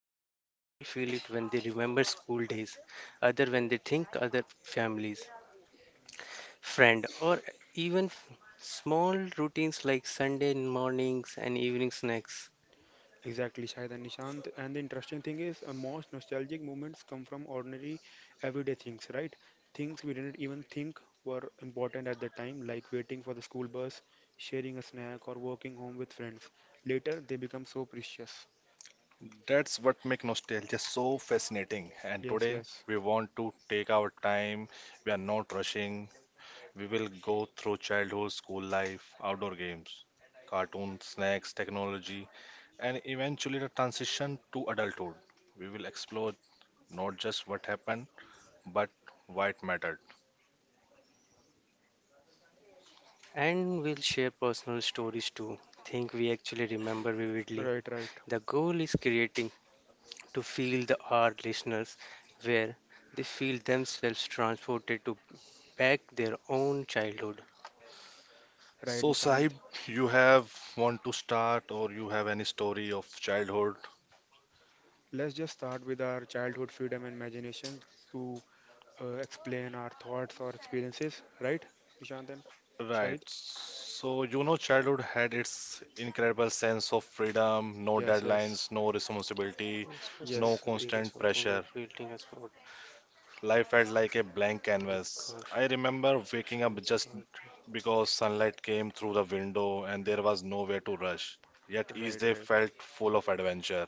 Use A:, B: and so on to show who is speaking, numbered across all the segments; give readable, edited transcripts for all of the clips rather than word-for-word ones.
A: Sometimes people feel it when they remember school days, other when they think other families, friend, or even small routines like Sunday mornings and evening snacks.
B: Exactly, Shahid and Nishant. And the interesting thing is, most nostalgic moments come from ordinary, everyday things, right? Things we didn't even think were important at the time, like waiting for the school bus, sharing a snack, or walking home with friends. Later, they become so precious.
C: That's what makes nostalgia so fascinating. And
B: Yes,
C: today
B: yes.
C: we want to take our time. We are not rushing. We will go through childhood, school life, outdoor games, cartoons, snacks, technology, and eventually the transition to adulthood. We will explore not just what happened, but why it mattered.
A: And we'll share personal stories too. Think we actually remember vividly.
B: Right, right.
A: The goal is creating to feel the our listeners where they feel themselves transported to back their own childhood.
B: Right,
C: So,
B: Nishant.
C: Sahib, you have want to start, or you have any story of childhood?
B: Let's just start with our childhood freedom and imagination to explain our thoughts or experiences, right, Nishant and
C: Right.
B: Shahid?
C: So, you know, childhood had its incredible sense of freedom, no
B: Yes, yes.
C: deadlines, no responsibility,
A: And it's so
C: no
B: Yes,
A: simple, even
C: constant
A: something
C: pressure.
A: like building a sport
C: Life felt like a blank
A: with
C: canvas.
A: gosh
C: I remember waking up
A: shots
C: just
A: or
C: because sunlight came through the window and there was nowhere to rush. Yet each
B: right,
C: day
B: right.
C: felt full of adventure.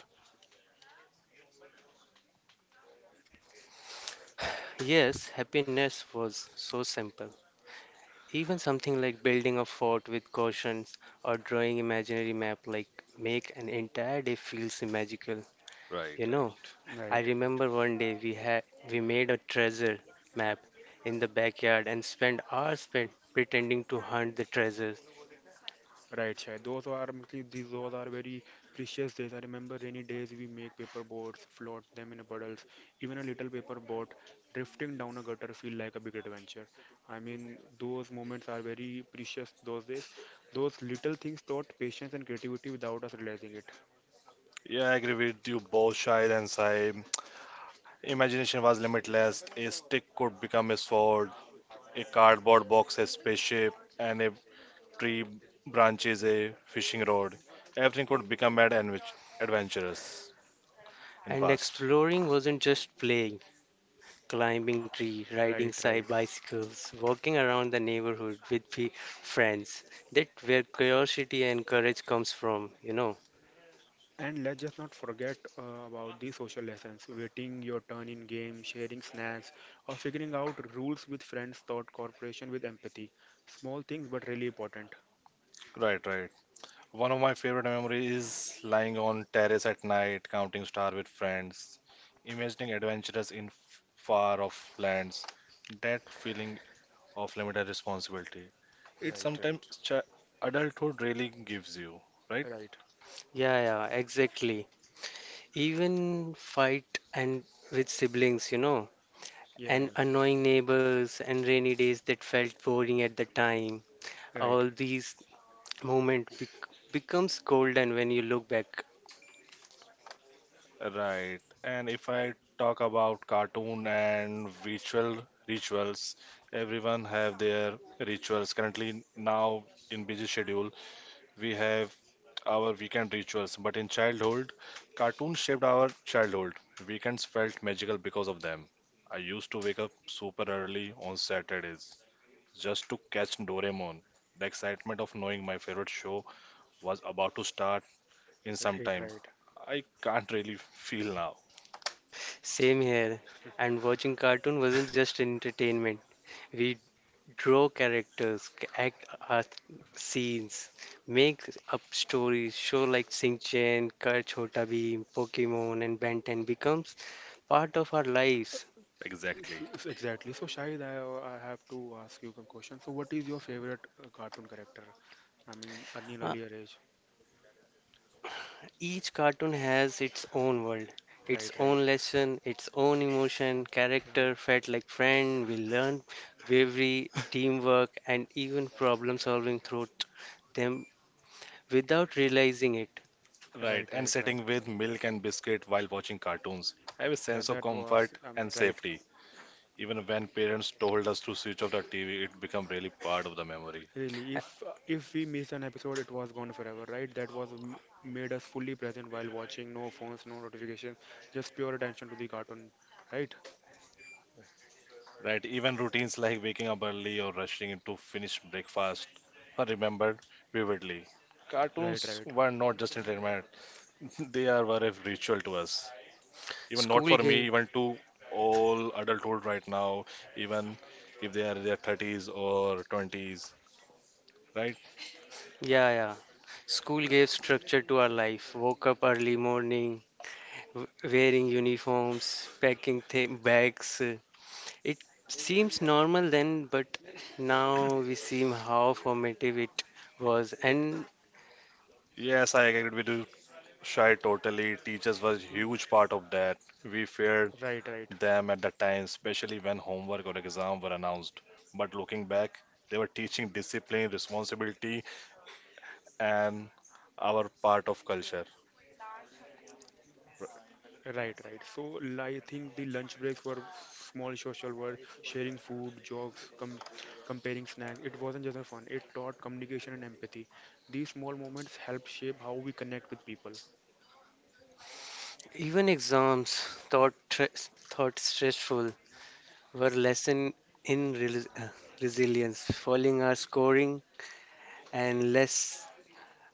A: yes, happiness was so simple. Even something like building a fort with cautions or drawing imaginary map like make an entire day feels magical.
C: Right,
A: You know,
C: right.
A: I
B: Right, right,
A: remember one day we made a treasure map in the backyard and spent hours spent pretending to hunt the treasures.
B: right. Shai. Those are mostly these. Those are very precious days. I remember rainy days. We make paper boats, float them in puddles. Even a little paper boat drifting down a gutter feel like a big adventure. I mean, those moments are very precious. Those days, those little things taught patience and creativity without us realizing it.
C: Yeah, I agree with you both, Shahid and Saib. Imagination was limitless. A stick could become a sword, a cardboard box, a spaceship, and a tree branches, a fishing rod. Everything could become adventurous in
A: And
C: past.
A: exploring wasn't just playing, climbing tree, riding
B: Right,
A: side
B: right.
A: bicycles, walking around the neighborhood with friends. That where curiosity and courage comes from, you know.
B: And let's just not forget about the social lessons waiting your turn in game, sharing snacks, or figuring out rules with friends, thought cooperation with empathy. Small things, but really important.
C: Right, right. One of my favorite memories is lying on terrace at night, counting star with friends, imagining adventures in far off lands. That feeling of limited responsibility. It
B: Right,
C: sometimes
B: right,
C: adulthood really gives you, right?
B: right.
A: Yeah, yeah, exactly. Even fight and with siblings, you know,
B: Yeah,
A: and
B: yeah.
A: annoying neighbors and rainy days that felt boring at the time.
B: Right,
A: All these moment becomes golden when you look back
C: Right. And if I talk about cartoon and rituals, everyone have their rituals. Currently now in busy schedule, we have our weekend rituals. But in childhood, cartoons shaped our childhood. Weekends felt magical because of them. I used to wake up super early on Saturdays just to catch Doraemon. The excitement of knowing my favorite show was about to start in some
B: right,
C: time.
B: right.
C: I can't really feel now.
A: same here, and watching cartoon wasn't just entertainment. We draw characters, act out scenes, make up stories. Show like sing Chen, kar chota bheem, pokemon and ben 10 becomes part of our lives.
C: Exactly.
B: Exactly. So, Shahid, I have to ask you some questions. So, what is your favorite cartoon character? I mean, at an earlier age.
A: Each cartoon has its own world, its
B: Right, right,
A: own lesson, its own emotion,
B: right,
A: character felt like friend. We learn bravery, teamwork, and even problem solving through them without realizing it.
C: Right,
B: right,
C: and
B: right, right.
C: sitting with milk and biscuit while watching cartoons. I have a
B: Yeah,
C: sense of
B: that was,
C: comfort
B: I mean,
C: and
B: right,
C: safety. Even when parents told us to switch off the TV, it became really part of the memory.
B: really,
A: Uh,
B: if we miss an episode, it was gone forever, right? That was made us fully present while watching, no phones, no notifications, just pure attention to the cartoon, right?
C: Right, even routines like waking up early or rushing in to finish breakfast are remembered vividly.
B: Right,
C: Cartoons
B: right.
C: were not just entertainment, were a ritual to us. Even not
A: School
C: for me,
A: gave,
C: even to all adulthood right now, even if they are in their thirties or twenties, right?
A: yeah, yeah. School gave structure to our life. Woke up early morning, w- wearing uniforms, packing bags. It seems normal then, but now we see how formative it was. And
C: Yes, I agree with you Shy totally. Teachers was
B: Mm,
C: huge part of that. We feared
B: right, right,
C: them at the time, especially when homework or exam were announced. But looking back, they were teaching discipline, responsibility, and our part of culture.
B: right, right. So I think the lunch breaks were small social world, sharing food, jokes, comparing snacks. It wasn't just a fun, it taught communication and empathy. These small moments help shape how we connect with people.
A: even exams, thought stressful, were lesson in resilience. Falling our scoring and less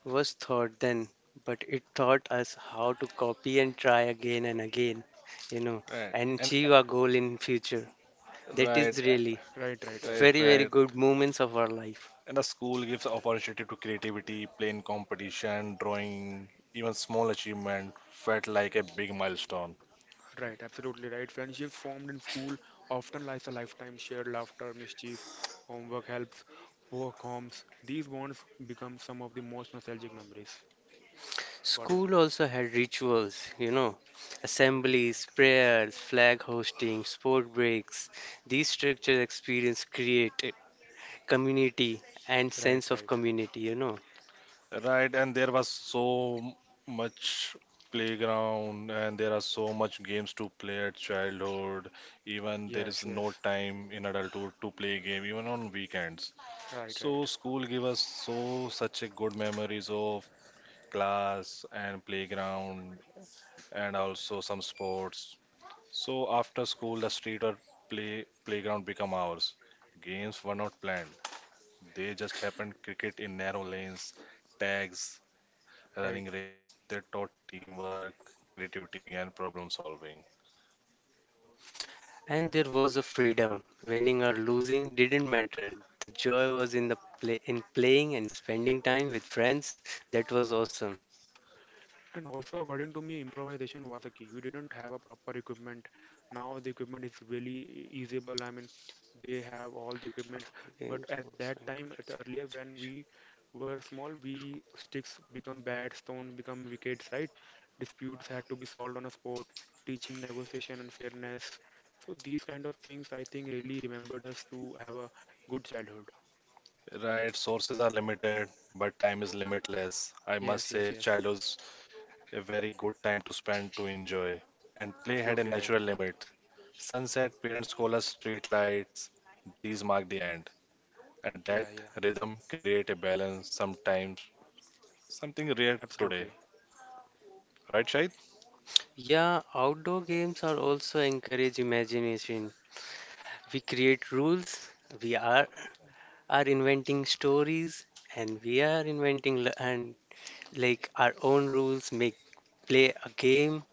A: was thought then, but it taught us how to copy and try again and again, you know,
C: Right.
A: and
C: And
A: achieve our goal in future. That
C: right,
A: is really
B: Right, right,
A: very
B: right,
A: very
C: right.
A: good moments of our life.
C: And the school gives opportunity to creativity, playing competition, drawing, even small achievement felt like a big milestone.
B: right, absolutely right. Friendships formed in school often last a lifetime. Shared laughter, mischief, homework helps, work homes. These bonds become some of the most nostalgic memories, according to
A: School also had rituals, you know,
B: me. Right,
A: assemblies,
B: right.
A: prayers, flag hosting, sport breaks. These structured experience created community and
B: Right,
A: sense of
B: right.
A: community, you know.
C: Right, and there was so much playground, and there are so much games to play at childhood. Even there
B: Yes,
C: is no
B: yes.
C: time in adulthood to play game, even on weekends.
B: Right,
C: So
B: right.
C: school give us so such a good memories of class and playground, and also some sports. So after school, the street or playground become ours. Games were not planned; they just happened. Cricket in narrow lanes, tags running
B: Right.
C: race, they taught teamwork, creativity, and problem solving.
A: And there was a freedom. Winning or losing didn't matter. The joy was in playing and spending time with friends. That was awesome.
B: And also, according to me, improvisation was a key. We didn't have a proper equipment. Now the equipment is really easeable. I mean, they have all the equipments.
A: Outdoor
B: But
A: games
B: at
A: also
B: that time,
A: encourage
B: at earlier when
A: imagination.
B: we were small, we sticks become bats, stone become wickets, right? Disputes had to be solved on a spot, teaching negotiation and fairness. So these kind of things, I think, really remembered us to have a good childhood.
C: Right, sources are limited, but time is limitless. I
B: Yes,
C: must
B: yes,
C: say,
B: yes.
C: childhood's a very good time to spend to enjoy. And play
B: Absolutely
C: had a
B: right. Yeah,
C: natural limit. Sunset, parents call us street lights. These mark the end.
B: yeah,
C: And
B: yeah.
C: that rhythm create a balance sometimes, something rare
B: Absolutely.
C: today. Right, Shahid?
A: Yeah, outdoor games are also encourage imagination. We create rules, we are inventing stories, and we are inventing and like our own rules, make play a game.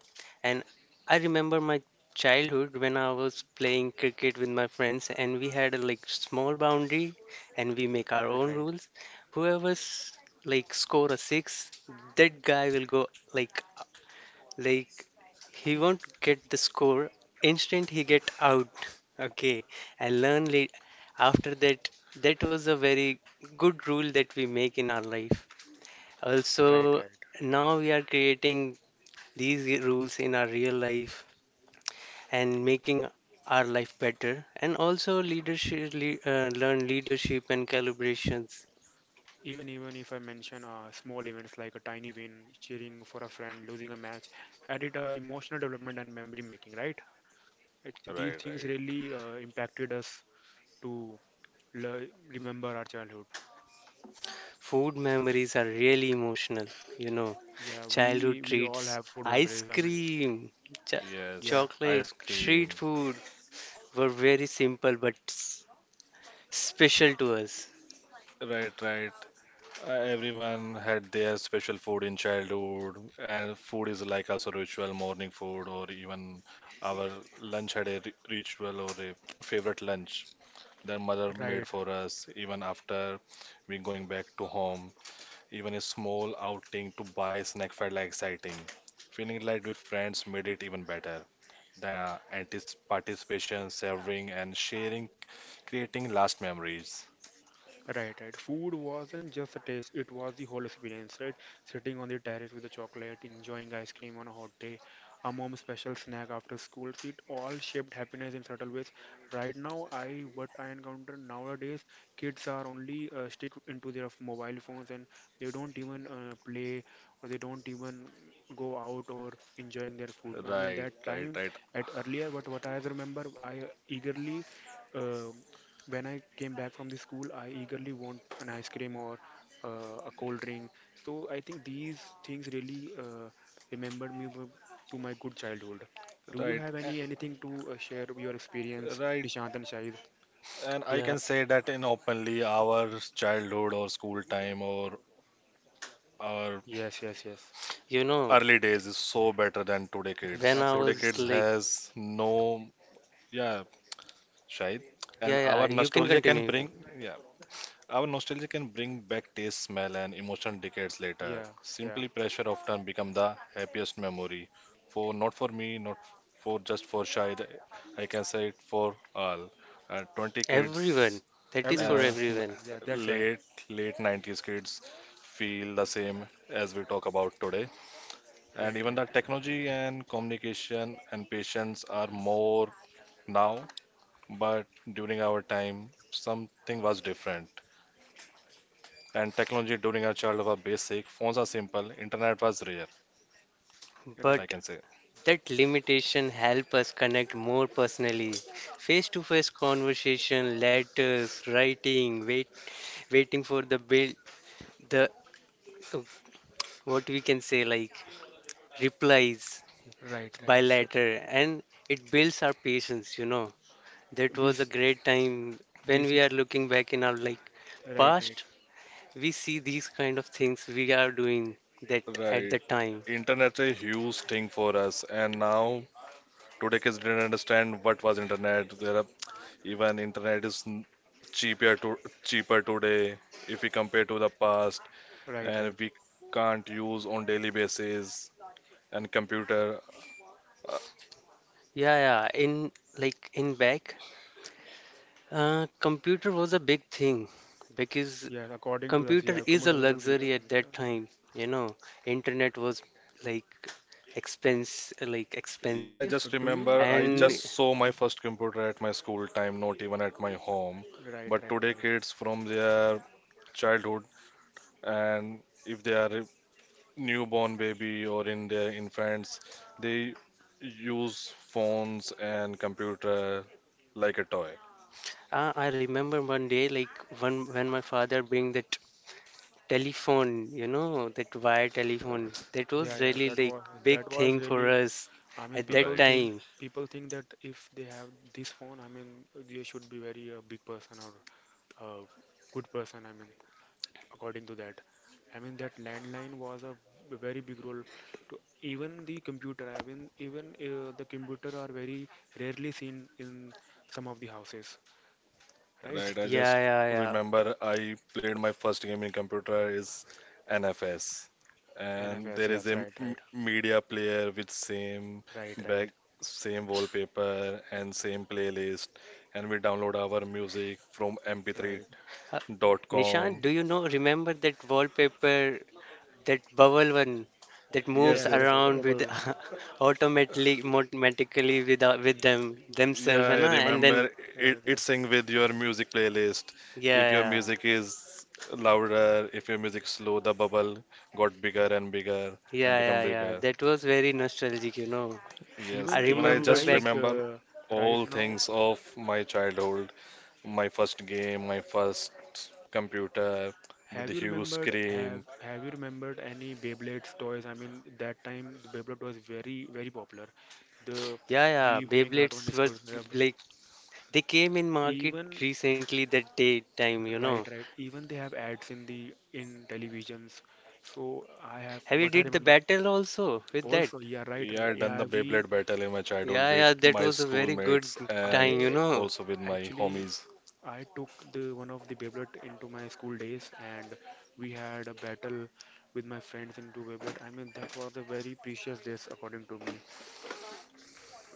A: And I remember my childhood when I was playing cricket with my friends, and we had a like small boundary, and we make our
B: Right,
A: own
B: right,
A: rules. Whoever's like score a six, that guy will go like like he won't get the score instant he get out. Okay, I learn late after that. That was a very good rule that we make in our life.
B: right,
A: Also,
B: right.
A: now we are creating these rules in our real life and making our life better. And also leadership, learn leadership and calibrations.
B: Even if I mention small events like a tiny win, cheering for a friend, losing a match, added emotional development and memory making, right? Actually,
C: Right,
B: these things
C: right.
B: really impacted us to remember our childhood.
A: Food memories are really emotional, you know.
B: Yeah, we
A: Childhood
B: we all
A: treats,
B: have food
A: ice
B: memories. I mean,
A: cream, ch-
B: yeah,
C: Yes,
A: chocolate,
C: ice
A: street
C: cream.
A: food were very simple but s- special to us.
C: Right, right. Everyone had their special food in childhood, and food is like also ritual, morning food, or even our lunch had a ritual or a favorite lunch that mother made
B: right.
C: for us, even after we going back to home. Even a small outing to buy a snack felt like exciting. Feeling light with friends made it even better. The antis- participation, sharing, creating last memories.
B: Right, right. Food wasn't just a taste, it was the whole experience, right? Sitting on the terrace with a chocolate, enjoying ice cream on a hot day, a mom's special snack after school, it all shaped happiness in subtle ways. Right now, I what I encounter nowadays, kids are only stick into their mobile phones and they don't even play or they don't even go out or enjoying their food. I
C: Right,
B: mean, that
C: right, right,
B: time at earlier, but what I remember, I eagerly uh, when I came back from the school, I eagerly want an ice cream or a cold drink. So I think these things really remembered me to my good childhood. Do you
C: right.
B: have any anything to share your experience,
C: Right.
B: Nishant and Shahid?
C: And I
A: Yeah,
C: can say that in openly, our childhood or school time or our
B: Yes, yes, yes.
A: you know,
C: early days is so better than today
A: when
C: kids.
A: I
C: Today
B: Absolutely.
A: was
C: kids
A: like,
C: has no, yeah, shayad. And
A: yeah, yeah,
C: our
A: you can
C: nostalgia can
A: continue, you can.
C: bring, yeah, Our nostalgia can bring back taste, smell, and emotion decades later.
B: Yeah, yeah.
C: Simply pressure often become the happiest memory. For not for me, not for just for Shahid. I can say it for all. 20 kids,
A: Everyone, that is
B: Everyone,
A: for
C: Uh,
B: everyone.
A: everyone.
B: Yeah,
C: n-
B: that's right.
C: late 90s kids feel the same as we talk about today and
B: Right,
C: even
B: right,
C: the technology and communication and patience are more now but during our time something was different and technology during our childhood was basic phones are simple internet was rare
A: But
C: I
B: right,
C: can say
A: that limitation help us connect more personally. Face-to-face conversation, letters, writing, waiting for the bill, the what we can say like replies
B: right,
A: by
B: right. So
A: letter, and it builds our patience, you know. That was a
B: bas-
A: great time. When we
B: basic.
A: are looking back in our like
B: Right, right,
A: past, we see these kind of things we are doing that at the
C: right
A: time.
C: internet a huge thing for us and now today kids didn't understand what was internet there are Even internet is cheaper to cheaper today if we compare to the past,
B: right,
C: and
B: right.
C: we can't use on daily basis. And computer, uh,
A: Yeah, yeah, in like in back, computer was a big thing, because
B: Yes, according to us, yeah,
A: computer is a
B: commuters of
A: luxury at that time, you know. Internet was like expense like
C: yeah, I
A: expensive.
C: just
B: Do you
C: remember I
B: do
A: And
C: just
B: you
C: saw my first computer at my school time, not even at my home.
B: right,
C: But
B: right,
C: today,
B: right.
C: kids from their childhood and if they are a newborn baby or in their infants, they use phones and computer like a toy,
A: I remember one day, like when my father bring that telephone, you know, that wire telephone. That
B: Yeah,
A: was
B: yeah.
A: really
B: That
A: like
B: was
A: big
B: that was
A: thing for
B: really.
A: us
B: I mean,
A: at that
B: people
C: right?
B: think
A: time.
B: people think that if they have this phone, I mean, they should be very big person or uh, good person. I mean, according to that, I mean that landline was a very big role to even the computer. I mean, even the computer are very rarely seen in some of the houses, right?
C: Right, I
A: Yeah,
C: just
A: yeah, yeah.
C: remember I played my first game in computer is NFS, and
B: NFS.
C: there is
B: Yes,
C: a
B: right, right,
C: media player with same
B: right, right,
C: back, same wallpaper and same playlist, and we download our music from
B: right.
A: Uh, Nishant,
C: mp3.com.
A: do you know? Remember that wallpaper, that bubble one, that
C: Yes,
A: moves
B: Yes,
C: yes,
B: yes, the
A: around
B: bubble
A: with
B: one.
A: automatically with them themselves,
C: yeah,
A: and
C: I
A: and then,
C: remember
B: Yeah,
C: it.
B: yeah.
C: It sync with your music playlist.
A: yeah,
C: If your
A: yeah.
C: music is louder, if your music slow, the bubble got bigger and bigger and
A: Yeah,
C: become
A: yeah, yeah.
C: bigger.
A: That was very nostalgic, you know.
C: Yes,
A: I
B: even
C: even I
B: even
A: remember
C: just
B: guys
A: back.
C: remember
B: right
C: all
B: now
C: things of my childhood, my first game, my first computer with
B: have
C: the
B: you
C: huge
B: remembered have
C: screen.
B: have you remembered any Beyblades toys? I mean that time the Beyblade was very popular, the
A: Yeah, yeah,
B: we bring out one
A: Beyblades
B: school
A: was
B: club
A: like they came in market
B: even
A: recently that day time, you know.
B: right right even they have ads in the in televisions, so I have
A: Have you
B: what I
A: did the
B: remember
A: battle also with that?
B: also. Yeah, right,
C: Yeah,
B: right.
C: I done
B: Yeah,
C: the
B: we
C: Beyblade battle in my childhood
A: Yeah,
C: with
A: yeah, that
C: my
A: was a very good
C: schoolmates and
A: time, you
B: I
A: know.
C: also with my
B: actually
C: homies.
B: I took the one of the Beyblade into my school days, and we had a battle with my friends into Beyblade. I mean, that was a very precious days according to me.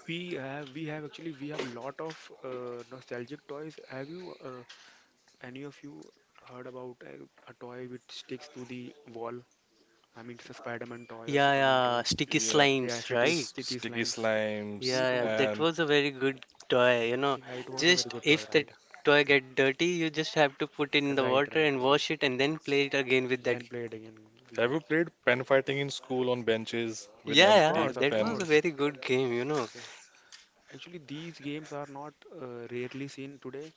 B: We have actually we have lot of nostalgic toys. Have you any of you heard about a toy which sticks to the wall? I mean, it's a Spider-Man toy or
A: Yeah,
B: Superman
A: yeah,
B: toy.
A: sticky
C: Yeah,
B: Yeah,
A: slimes, right?
B: city
C: sticky
B: slimes. So,
C: slimes.
B: we
A: Yeah, yeah,
B: don't.
A: that
C: And
A: was a very good toy, you know.
B: Yeah, it was a very
A: Just
B: good toy,
A: if
B: right?
A: the toy get dirty, you just have to put in the
B: Right,
A: water
B: right,
A: and
B: right.
A: wash it and then play it again with that.
B: Then play it again.
C: have
B: We,
C: you played pen fighting in school on benches with
B: of
A: Yeah,
C: empty
A: yeah,
B: course, of
A: that
C: pen?
A: was a
B: course.
A: very good game, you know.
B: Yeah. Actually, these games are not rarely seen today,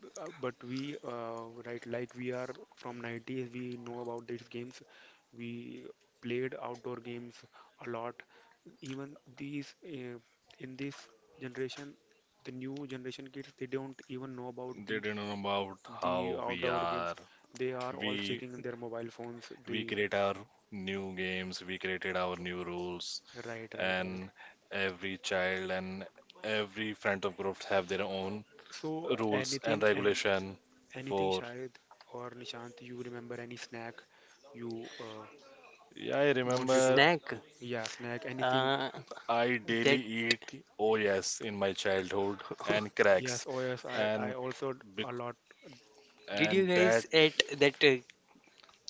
B: but we, right, like we are from 90s, we know about these games. We played outdoor games a lot. Even these, in this generation, the new generation kids, they don't even know about
C: They didn't know about
B: the
C: how we
B: outdoor games.
C: are.
B: They are all
C: We
B: checking in their mobile phones.
C: we
B: The
C: create our new games, we created our new rules,
B: right, right,
C: and
B: right.
C: every child and every friend of groups have their own
B: So
C: rules and
B: anything and
C: regulation
B: anything,
C: for.
B: Shahid or Nishant, you remember any snack you
C: Yeah, I
B: wanted to?
C: remember
A: Snack,
B: Yeah, snack, anything.
A: uh,
C: I
A: that.
C: daily eat OS in my childhood and cracks,
B: Yes, oh yes, I
C: and
B: also
C: bec-
B: a lot.
A: Did
C: and
A: you
C: that
A: guys eat that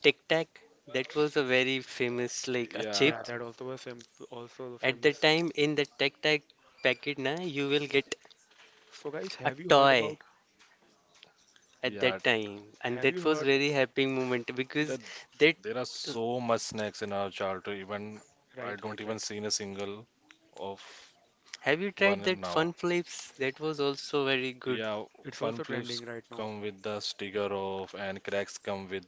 A: Tic Tac? That was a very famous like a
C: yeah
A: chip.
B: Yeah, that also was fam also the
A: At that
B: famous.
A: time in the Tic Tac packet na you will get
B: So guys,
A: a
B: have you heard about?
A: toy at that
C: yeah,
A: time, and
B: Have
A: that
B: you
A: was
B: heard?
A: very happy moment because
C: that
A: that,
C: there are so much snacks in our childhood. Even I
B: Right,
C: don't
B: right,
C: even
B: right.
C: seen a single of
A: have you tried
C: one
A: that Fun
C: now.
A: Flips? That was also very good
C: Yeah,
B: It's
C: fun
B: also
C: flips
B: trending right now.
C: come with the sticker of, and cracks come with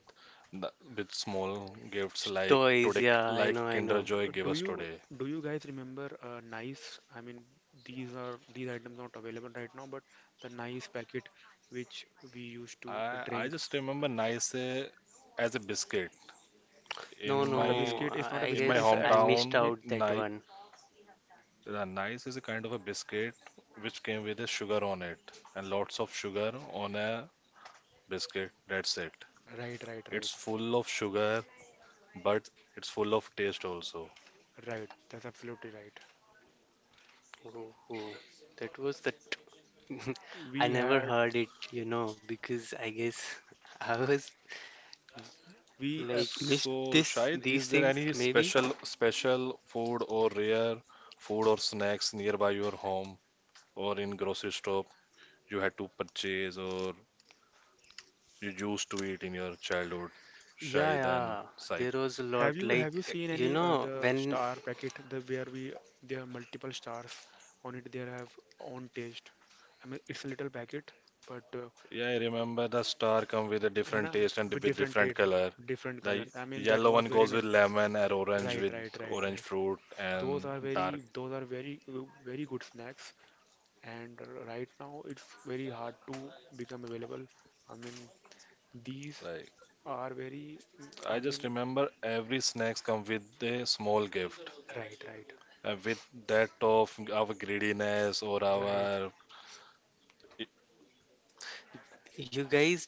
C: the, with small gifts like
A: toys.
C: today,
A: Yeah, I
C: like
A: know, I
C: Kinder
A: know.
C: Joy gave
B: Do
C: us
B: you
C: today.
B: do you guys remember nice? I mean, these are these items not available right now, but the nice packet which we used to
C: I
B: drink.
C: just remember nice as a biscuit in
A: No,
B: It's not
C: my
B: a
A: no,
B: biscuit. It's not a
A: I
C: in
B: biscuit.
C: my
B: It's
A: guess
B: a,
A: I missed
C: hometown.
A: out that
C: Nice,
A: one.
C: nice is a kind of a biscuit which came with a sugar on it and lots of sugar on a biscuit. That's it.
B: right, right,
C: It's
B: right,
C: full of sugar, but it's full of taste also.
B: right. That's absolutely right.
A: Oh, that was the. I
B: We
A: never
B: had
A: heard it, you know, because I guess I was
B: we
A: like missed
C: So,
A: this
C: Shahid,
A: these
C: is there
A: things
C: any
A: maybe.
C: special food or rare food or snacks nearby your home or in grocery store you had to purchase or you used to eat in your childhood,
A: Yeah,
C: Shahid and
A: yeah,
C: Saib?
A: there was a lot.
B: have you
A: Like,
B: seen
A: you
B: any
A: know,
B: the
A: when
B: star packet the where we there are multiple stars on it. There have own taste. I mean, it's a little packet, but
C: Yeah, I remember the star come with a
B: है ना
C: different taste and
B: with
C: with
B: different
C: different
B: taste,
C: color.
B: different
C: The
B: colors. I mean, that
C: yellow one
B: was very
C: goes
B: not
C: with lemon and orange
B: right,
C: with
B: right, right,
C: orange
B: right.
C: fruit
B: Those
C: and
B: are
C: dark.
B: very those are very very good snacks, and right now it's very hard to become available. I mean, these are very, mm,
C: I
B: I
C: just
B: mean,
C: remember every snacks come with a small gift.
B: right, right,
C: With that of our greediness or
B: right.
C: our
A: you guys,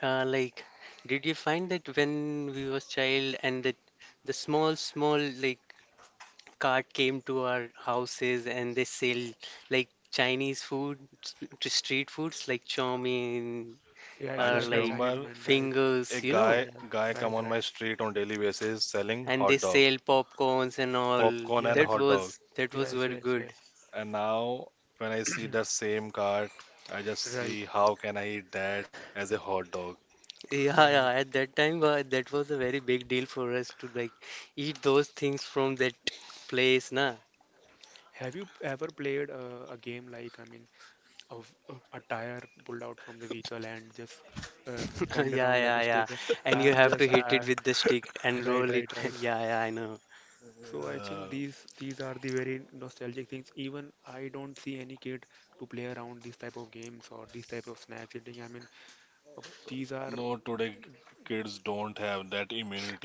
A: like, did you find that when we was child and that the small small like cart came to our houses and they sell like Chinese food, s- to street foods like chow mein,
B: Yeah, it's
C: I
A: are
B: like
C: just
B: a
A: like
B: Chinese
C: remember
B: man, right?
C: a
A: fingers, you know,
B: Yeah,
C: guy come
B: right,
C: on my
B: right.
C: street on daily basis selling
A: and they
C: hot dog,
A: sell popcorns and all.
C: popcorn and
B: Yes,
C: hot dog.
A: That was
B: yes,
A: very
B: yes,
A: good.
B: yes.
C: And now when I see that same cart, I just
B: Right,
C: see how can I eat that as a hot dog.
A: Yeah, yeah.
B: right.
A: At that time, that was a very big deal for us to like eat those things from that place, na.
B: Have you ever played a game like, I mean, of a tire pulled out from the vehicle and just uh, run
A: Yeah,
B: around
A: yeah,
B: like a
A: yeah.
B: stake?
A: And you
B: I'm
A: have to
B: just
A: hit it with the stick and
B: right,
A: roll it.
B: right, right.
A: Yeah, yeah, I know.
B: So I
C: Uh,
B: think these are the very nostalgic things. Even I don't see any kid to play around these type of games or these type of snacks eating. I mean, uh, these are
C: no, today kids don't have that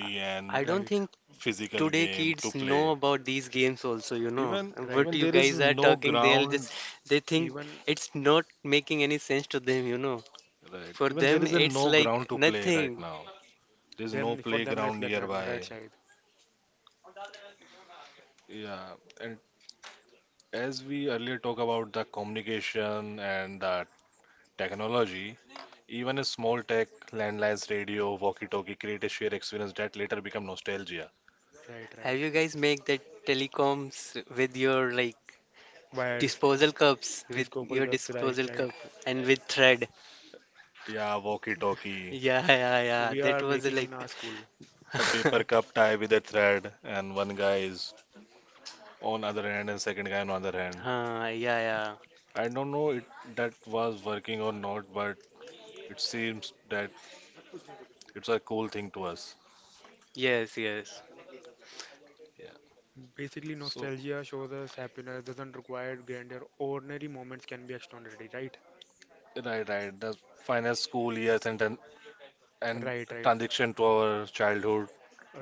A: I
C: and
A: I don't
B: right.
A: think
C: physical
A: today
C: game
A: kids
C: to
A: know
C: play.
A: about these games also, you know.
C: Even
B: Right.
A: What
C: even
A: you
C: there
A: guys
C: is
A: are
C: no
A: talking, they'll
C: ground,
A: just they think
B: Even
A: it's not making any sense to them, you know.
C: right?
A: For
C: Even
A: them,
C: there is a
A: it's
C: no
A: like
C: ground to play
A: nothing.
C: right now. There's
B: them
C: no
B: for them it's
C: playground
B: like nothing, right,
C: nearby.
B: Shahid?
C: Yeah, and as we earlier talk about the communication and the technology, even a small tech, landlines, radio, walkie-talkie create a shared experience that later become nostalgia.
B: Right,
A: Have
B: right.
A: you guys make that telecoms with your like
B: Wires
A: disposal
B: and
A: cups, with
B: disco ball
A: your
B: cups, right,
A: disposal
B: right.
A: cup and with thread?
C: Yeah, walkie-talkie,
A: Yeah, yeah, yeah.
B: We
A: That
B: are
A: was
B: making
A: like,
B: in our school.
C: the
A: uh,
C: paper cup tie with a thread, and one guy is on other hand and second guy on other hand.
A: yeah, yeah.
C: I don't know it that was working or not, but it seems that It's a cool thing to us.
A: Yes, yes.
C: Yeah.
B: Basically,
C: So
B: nostalgia shows us happiness doesn't require grandeur. Ordinary moments can be extraordinary, right?
C: right, right. The final school years and then and
B: Right, right,
C: transition to our childhood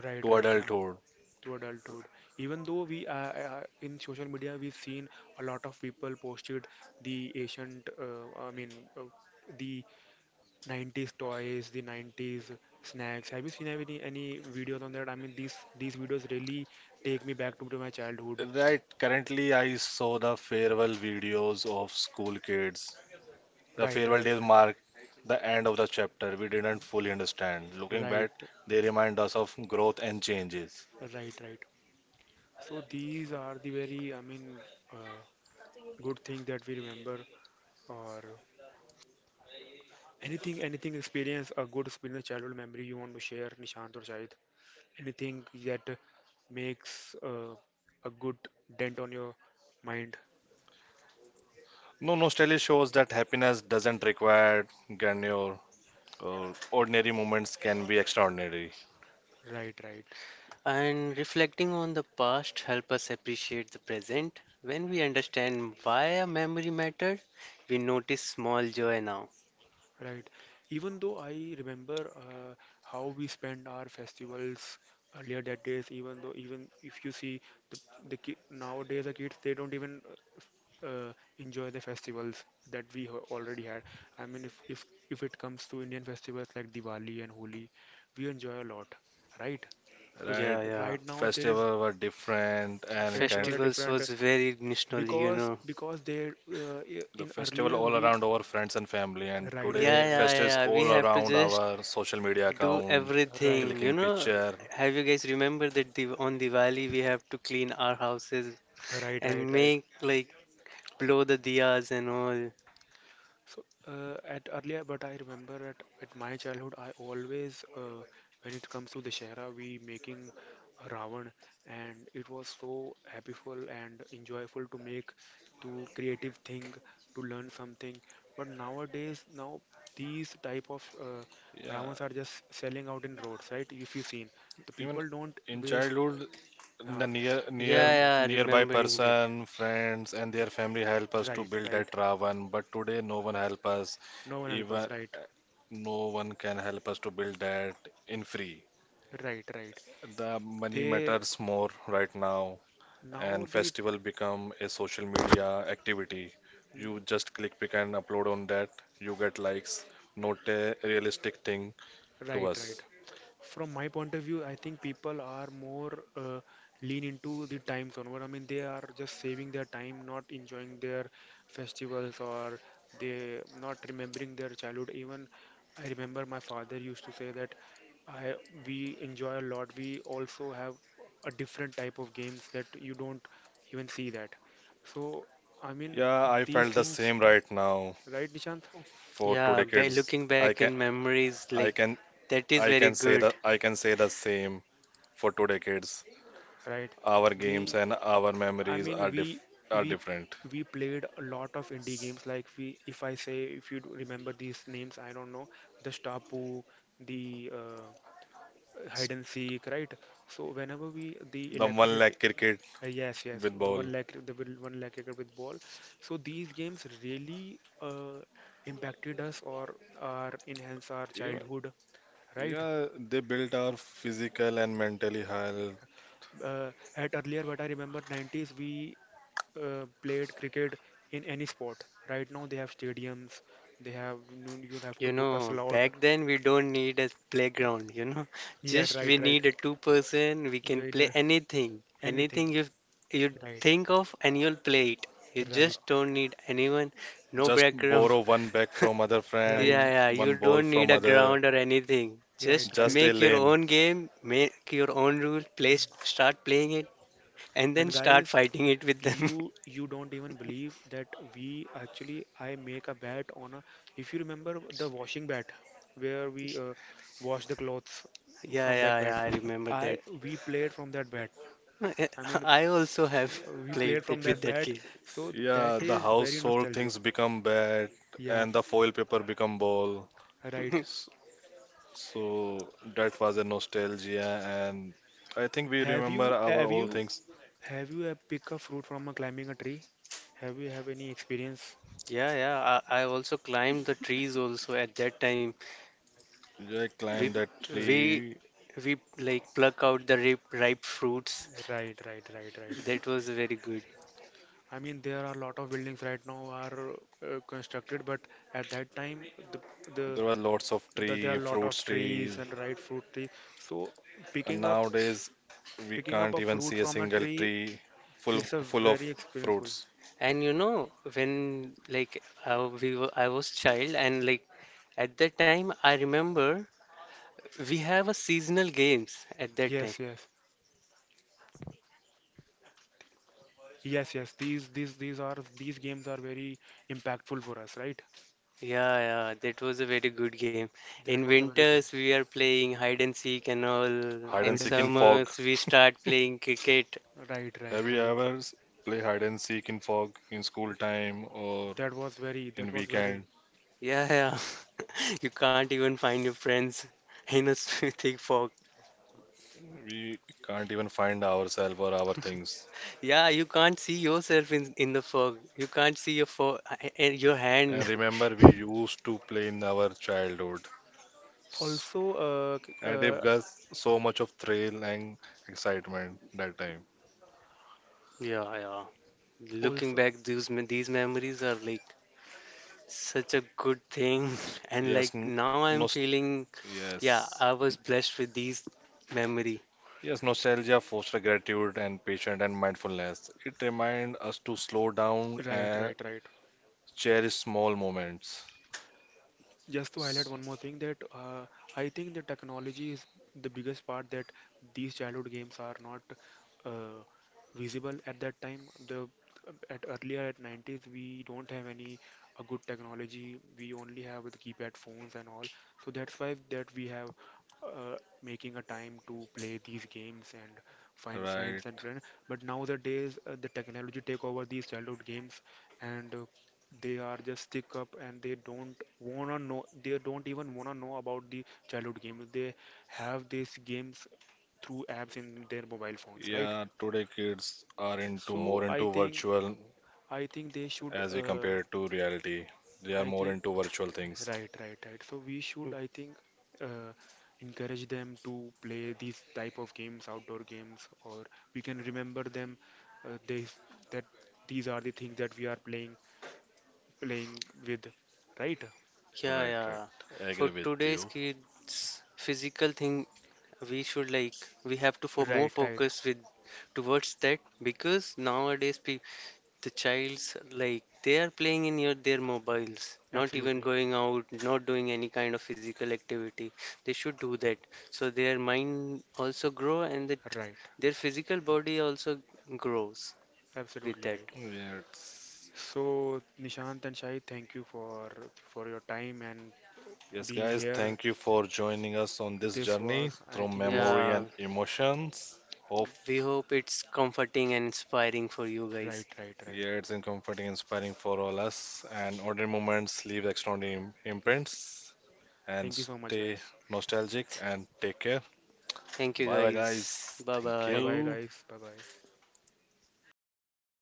B: right,
C: to
B: right.
C: adulthood.
B: To adulthood. Even though we in social media we've seen a lot of people posted the ancient, I mean, uh, the 90s toys, the 90s snacks. Have you seen any videos on that? I mean, these videos really take me back to my childhood.
C: Right. Currently, I saw the farewell videos of school kids. The
B: Right,
C: farewell
B: right,
C: days mark the end of the chapter. We didn't fully understand. Looking
B: right,
C: back,
B: right,
C: they remind us of growth and changes.
B: right, right. So these are the very, I mean, uh, good things that we remember. Or anything, anything experience a good experience, childhood memory you want to share, Nishant or Shahid. Anything that makes a good dent on your mind.
C: No nostalgia shows that happiness doesn't require grandeur. Or ordinary moments can be extraordinary,
B: Right, right.
A: And reflecting on the past help us appreciate the present. When we understand why a memory mattered, we notice small joy now.
B: Right. Even though I remember how we spent our festivals earlier that days, even though even if you see the the ki nowadays the kids they don't even uh, enjoy the festivals that we already had. I mean, if it comes to Indian festivals like Diwali and Holi, we enjoy a lot, right?
C: right?
A: Yeah, yeah.
B: Right now there is
C: Festival were different and kind
B: festival are
A: Festivals
B: different
A: was very nostalgic, you
B: because
A: know.
B: they I-
C: the
B: in
C: festival
B: earlier
C: all
B: we
C: around our friends and family and
B: right right
A: Yeah,
C: today
B: right
A: yeah,
C: festivals
A: yeah. We
C: all
A: have to
C: around
A: just
C: our social media
A: do
C: account,
B: right.
A: everything. You
C: clicking
A: know,
C: picture.
A: have you guys remember that div on Diwali we have to clean our houses
B: Right, right,
A: and
B: right.
A: make like blow the diyas and all.
B: So at earlier, but I remember at my childhood, I always, when it comes to the Shara, we making a Ravan, and it was so happyful and enjoyable to make, to creative thing, to learn something. But nowadays, now these type of
C: Yeah.
B: Ravans are just selling out in roads, right? If you seen, the
C: Even
B: people don't
C: in
B: waste.
C: childhood the
B: Uh, right,
A: Yeah, yeah,
C: nearby
A: remembering that.
C: person, friends and their family help us to
B: right,
C: build
B: right.
C: that Ravan, but today no one help us.
B: No one help us.
C: Even
B: Right,
C: no one can help us to build that in free.
B: right, right.
C: The money
B: They
C: matters more right now
B: now
C: and
B: the
C: festival become a social media activity. You just click pick and upload on that. You get likes. Not a realistic thing to
B: right, right.
C: us.
B: From my point of view, I think people are more lean into the time zone. What I mean, they are just saving their time, not enjoying their festivals, or they not remembering their childhood. Even I remember my father used to say that I we enjoy a lot. We also have a different type of games that you don't even see that. So I mean,
C: Yeah, I
B: these
C: felt the
B: things,
C: same right now
B: right, Nishant?
C: for
A: Yeah,
C: today
A: ba
C: kids.
A: looking
C: I
A: back in
C: can
A: memories,
C: I
A: like
C: can
A: that is
C: I
A: very
C: can say
A: good.
C: that I can say the same for today kids.
B: Right.
C: Our games
B: We
C: and our
B: I
C: memories
B: mean,
C: are diff are
B: we
C: different.
B: we played a lot of indie games. Like we, if I say, if you do remember these names, I don't know, the Stapu, the
C: S-
B: hide and seek, right? So whenever we the
C: The one
B: electricity,
C: like cricket
B: yes, yes,
C: with
B: the
C: ball.
B: one lakh, the one lakh acre with ball. So these games really impacted us or enhance our
C: Even,
B: childhood, right?
C: yeah, they built our physical and mentally health.
B: Uh, at earlier, what I remember, 90s, we played cricket in any sport. Right now they have stadiums. They have you have to
A: You
B: book a
A: know,
B: slot.
A: back then we don't need a playground, you know.
B: Yeah,
A: Just we
B: right, right.
A: need a two person, we can play
B: Winner
A: anything.
B: anything.
A: Anything you
B: Right,
A: think of and you'll play it. You just
B: right,
A: don't need anyone, no
C: Just
A: background.
C: borrow one bag from other
B: right,
A: Yeah,
C: friend,
A: yeah, you
C: one ball
A: don't need a
C: from
A: ground
C: other,
A: or anything.
B: right,
A: Just
B: right.
C: just a
A: make your
C: lane.
A: own game, make your own rules, play, start playing it, and then
B: And
A: start
B: guys,
A: fighting it with them.
B: you don't even believe that we actually I make a bet on a. If you remember the washing bat, where we wash the clothes
A: Yeah,
B: from that
A: yeah,
B: bat.
A: yeah, I remember
B: I we played from that bat.
A: that.
B: I mean,
A: I also have
B: we played
A: played
B: from
A: that with
B: that
A: that
B: bat.
A: game.
B: So that
C: Yeah, the
B: is very
C: household
B: nostalgic.
C: things become bad
B: Yeah,
C: and the foil paper become ball.
B: right.
C: S- So that was a nostalgia and I think we
B: Have
C: remember
B: you
C: our
B: have
C: old
B: you
C: things.
B: have you pick a fruit from a climbing a tree? Have you have any experience?
A: Yeah, yeah. I also climbed the trees also at that time.
C: I
A: We
C: climbed that
A: we
C: tree.
A: we like pluck out the ripe, ripe fruits.
B: Right, right, right, right,
A: That
B: right.
A: was very good.
B: I mean, there are a lot of buildings right now are constructed, but at that time, the, the
C: There were lots of
B: the there
C: tree,
B: are a lot of
C: fruits trees,
B: trees and right fruit trees. So
C: and
B: picking up
C: nowadays we
B: picking up
C: can't
B: a
C: even
B: fruit
C: see a
B: from a
C: single
B: tree,
C: tree full
B: it's a
C: full of
B: very experienceful.
C: fruits.
A: And you know, when like I was child, and like at that time I remember we have a seasonal games at that time.
B: Yes, yes. Yes, yes, these are these games are very impactful for us, right?
A: Yeah, yeah, that was a very good game.
B: That
A: In
B: was a very good
A: winters we are playing hide and seek and all.
C: Hide
A: In
C: and
B: hide
C: seek
B: and
C: in
B: seek.
C: fog.
A: summers we start playing cricket.
B: Right,
C: Have
B: right,
C: you
B: right.
C: ever play hide and seek in fog in school time or
B: That
C: in
B: was very
C: weekend?
A: Yeah, yeah. You can't even find your friends in a thick fog.
C: We can't even find ourselves or our things.
A: Yeah, you can't see yourself in the fog. You can't see your fo your hand.
C: And remember, we used to play in our childhood, S-
B: also
C: and it got so much of thrill and excitement that time.
A: Yeah, yeah. Looking
B: also
A: back, these memories are like such a good thing, and
C: Yes,
A: like
C: n-
A: now I'm
C: nost
A: feeling,
C: yes,
A: yeah, I was blessed with these memory.
C: yes, nostalgia foster gratitude and patience and mindfulness. It reminds us to slow down
B: right,
C: and
B: right, right.
C: cherish small moments.
B: Just to highlight
C: S-
B: one more thing that I think the technology is the biggest part that these childhood games are not uh, visible at that time. The at earlier at 90s we don't have any a good technology. We only have the keypad phones and all. So that's why that we have uh, making a time to play these games and find friends and
C: Right.
B: plan. But nowadays the technology take over these childhood games and they are just stick up and they don't even wanna know about the childhood games. They have these games through apps in their mobile phones. Right,
C: Yeah, today kids are into
B: so
C: more into virtual
B: I think they should
C: as we compare to reality. They are
B: I
C: more into
B: think
C: virtual things.
B: right, right, right, so we
A: Mm,
B: should, I think, uh, encourage them to play these type of games, outdoor games, or we can remember them they that these are the things that we are playing with, right,
A: yeah,
C: Right, right.
A: yeah. For
C: Agree with
A: today's
C: you.
A: kids, physical thing we should like we have to for more
B: right, right,
A: focus with towards that, because nowadays pe the childs like they are playing in your their mobiles, not even
B: absolutely.
A: going out, not doing any kind of physical activity. They should do that so their mind also grow and that
B: Right,
A: their physical body also grows with
B: absolutely
A: that.
B: right.
C: Yes.
B: So, Nishant and Shahid, thank you for your time and
C: Yes,
B: being
C: guys,
B: here.
C: thank you for joining us on this
B: This
C: journey
B: was, I
C: through
B: think, this.
C: memory
A: Yeah,
C: and emotions. Hope
A: we hope it's comforting and inspiring for you
B: Right,
A: guys.
B: right,
C: yeah,
B: right.
C: it's in comforting, inspiring for all us. And ordinary moments leave extraordinary imprints. And
B: Thank you so much,
C: stay
B: guys.
C: nostalgic and take care.
A: Thank you
C: Bye bye,
A: guys,
C: guys.
A: bye
C: Thank
B: Bye,
A: bye.
B: bye,
C: you.
B: guys. Bye, bye.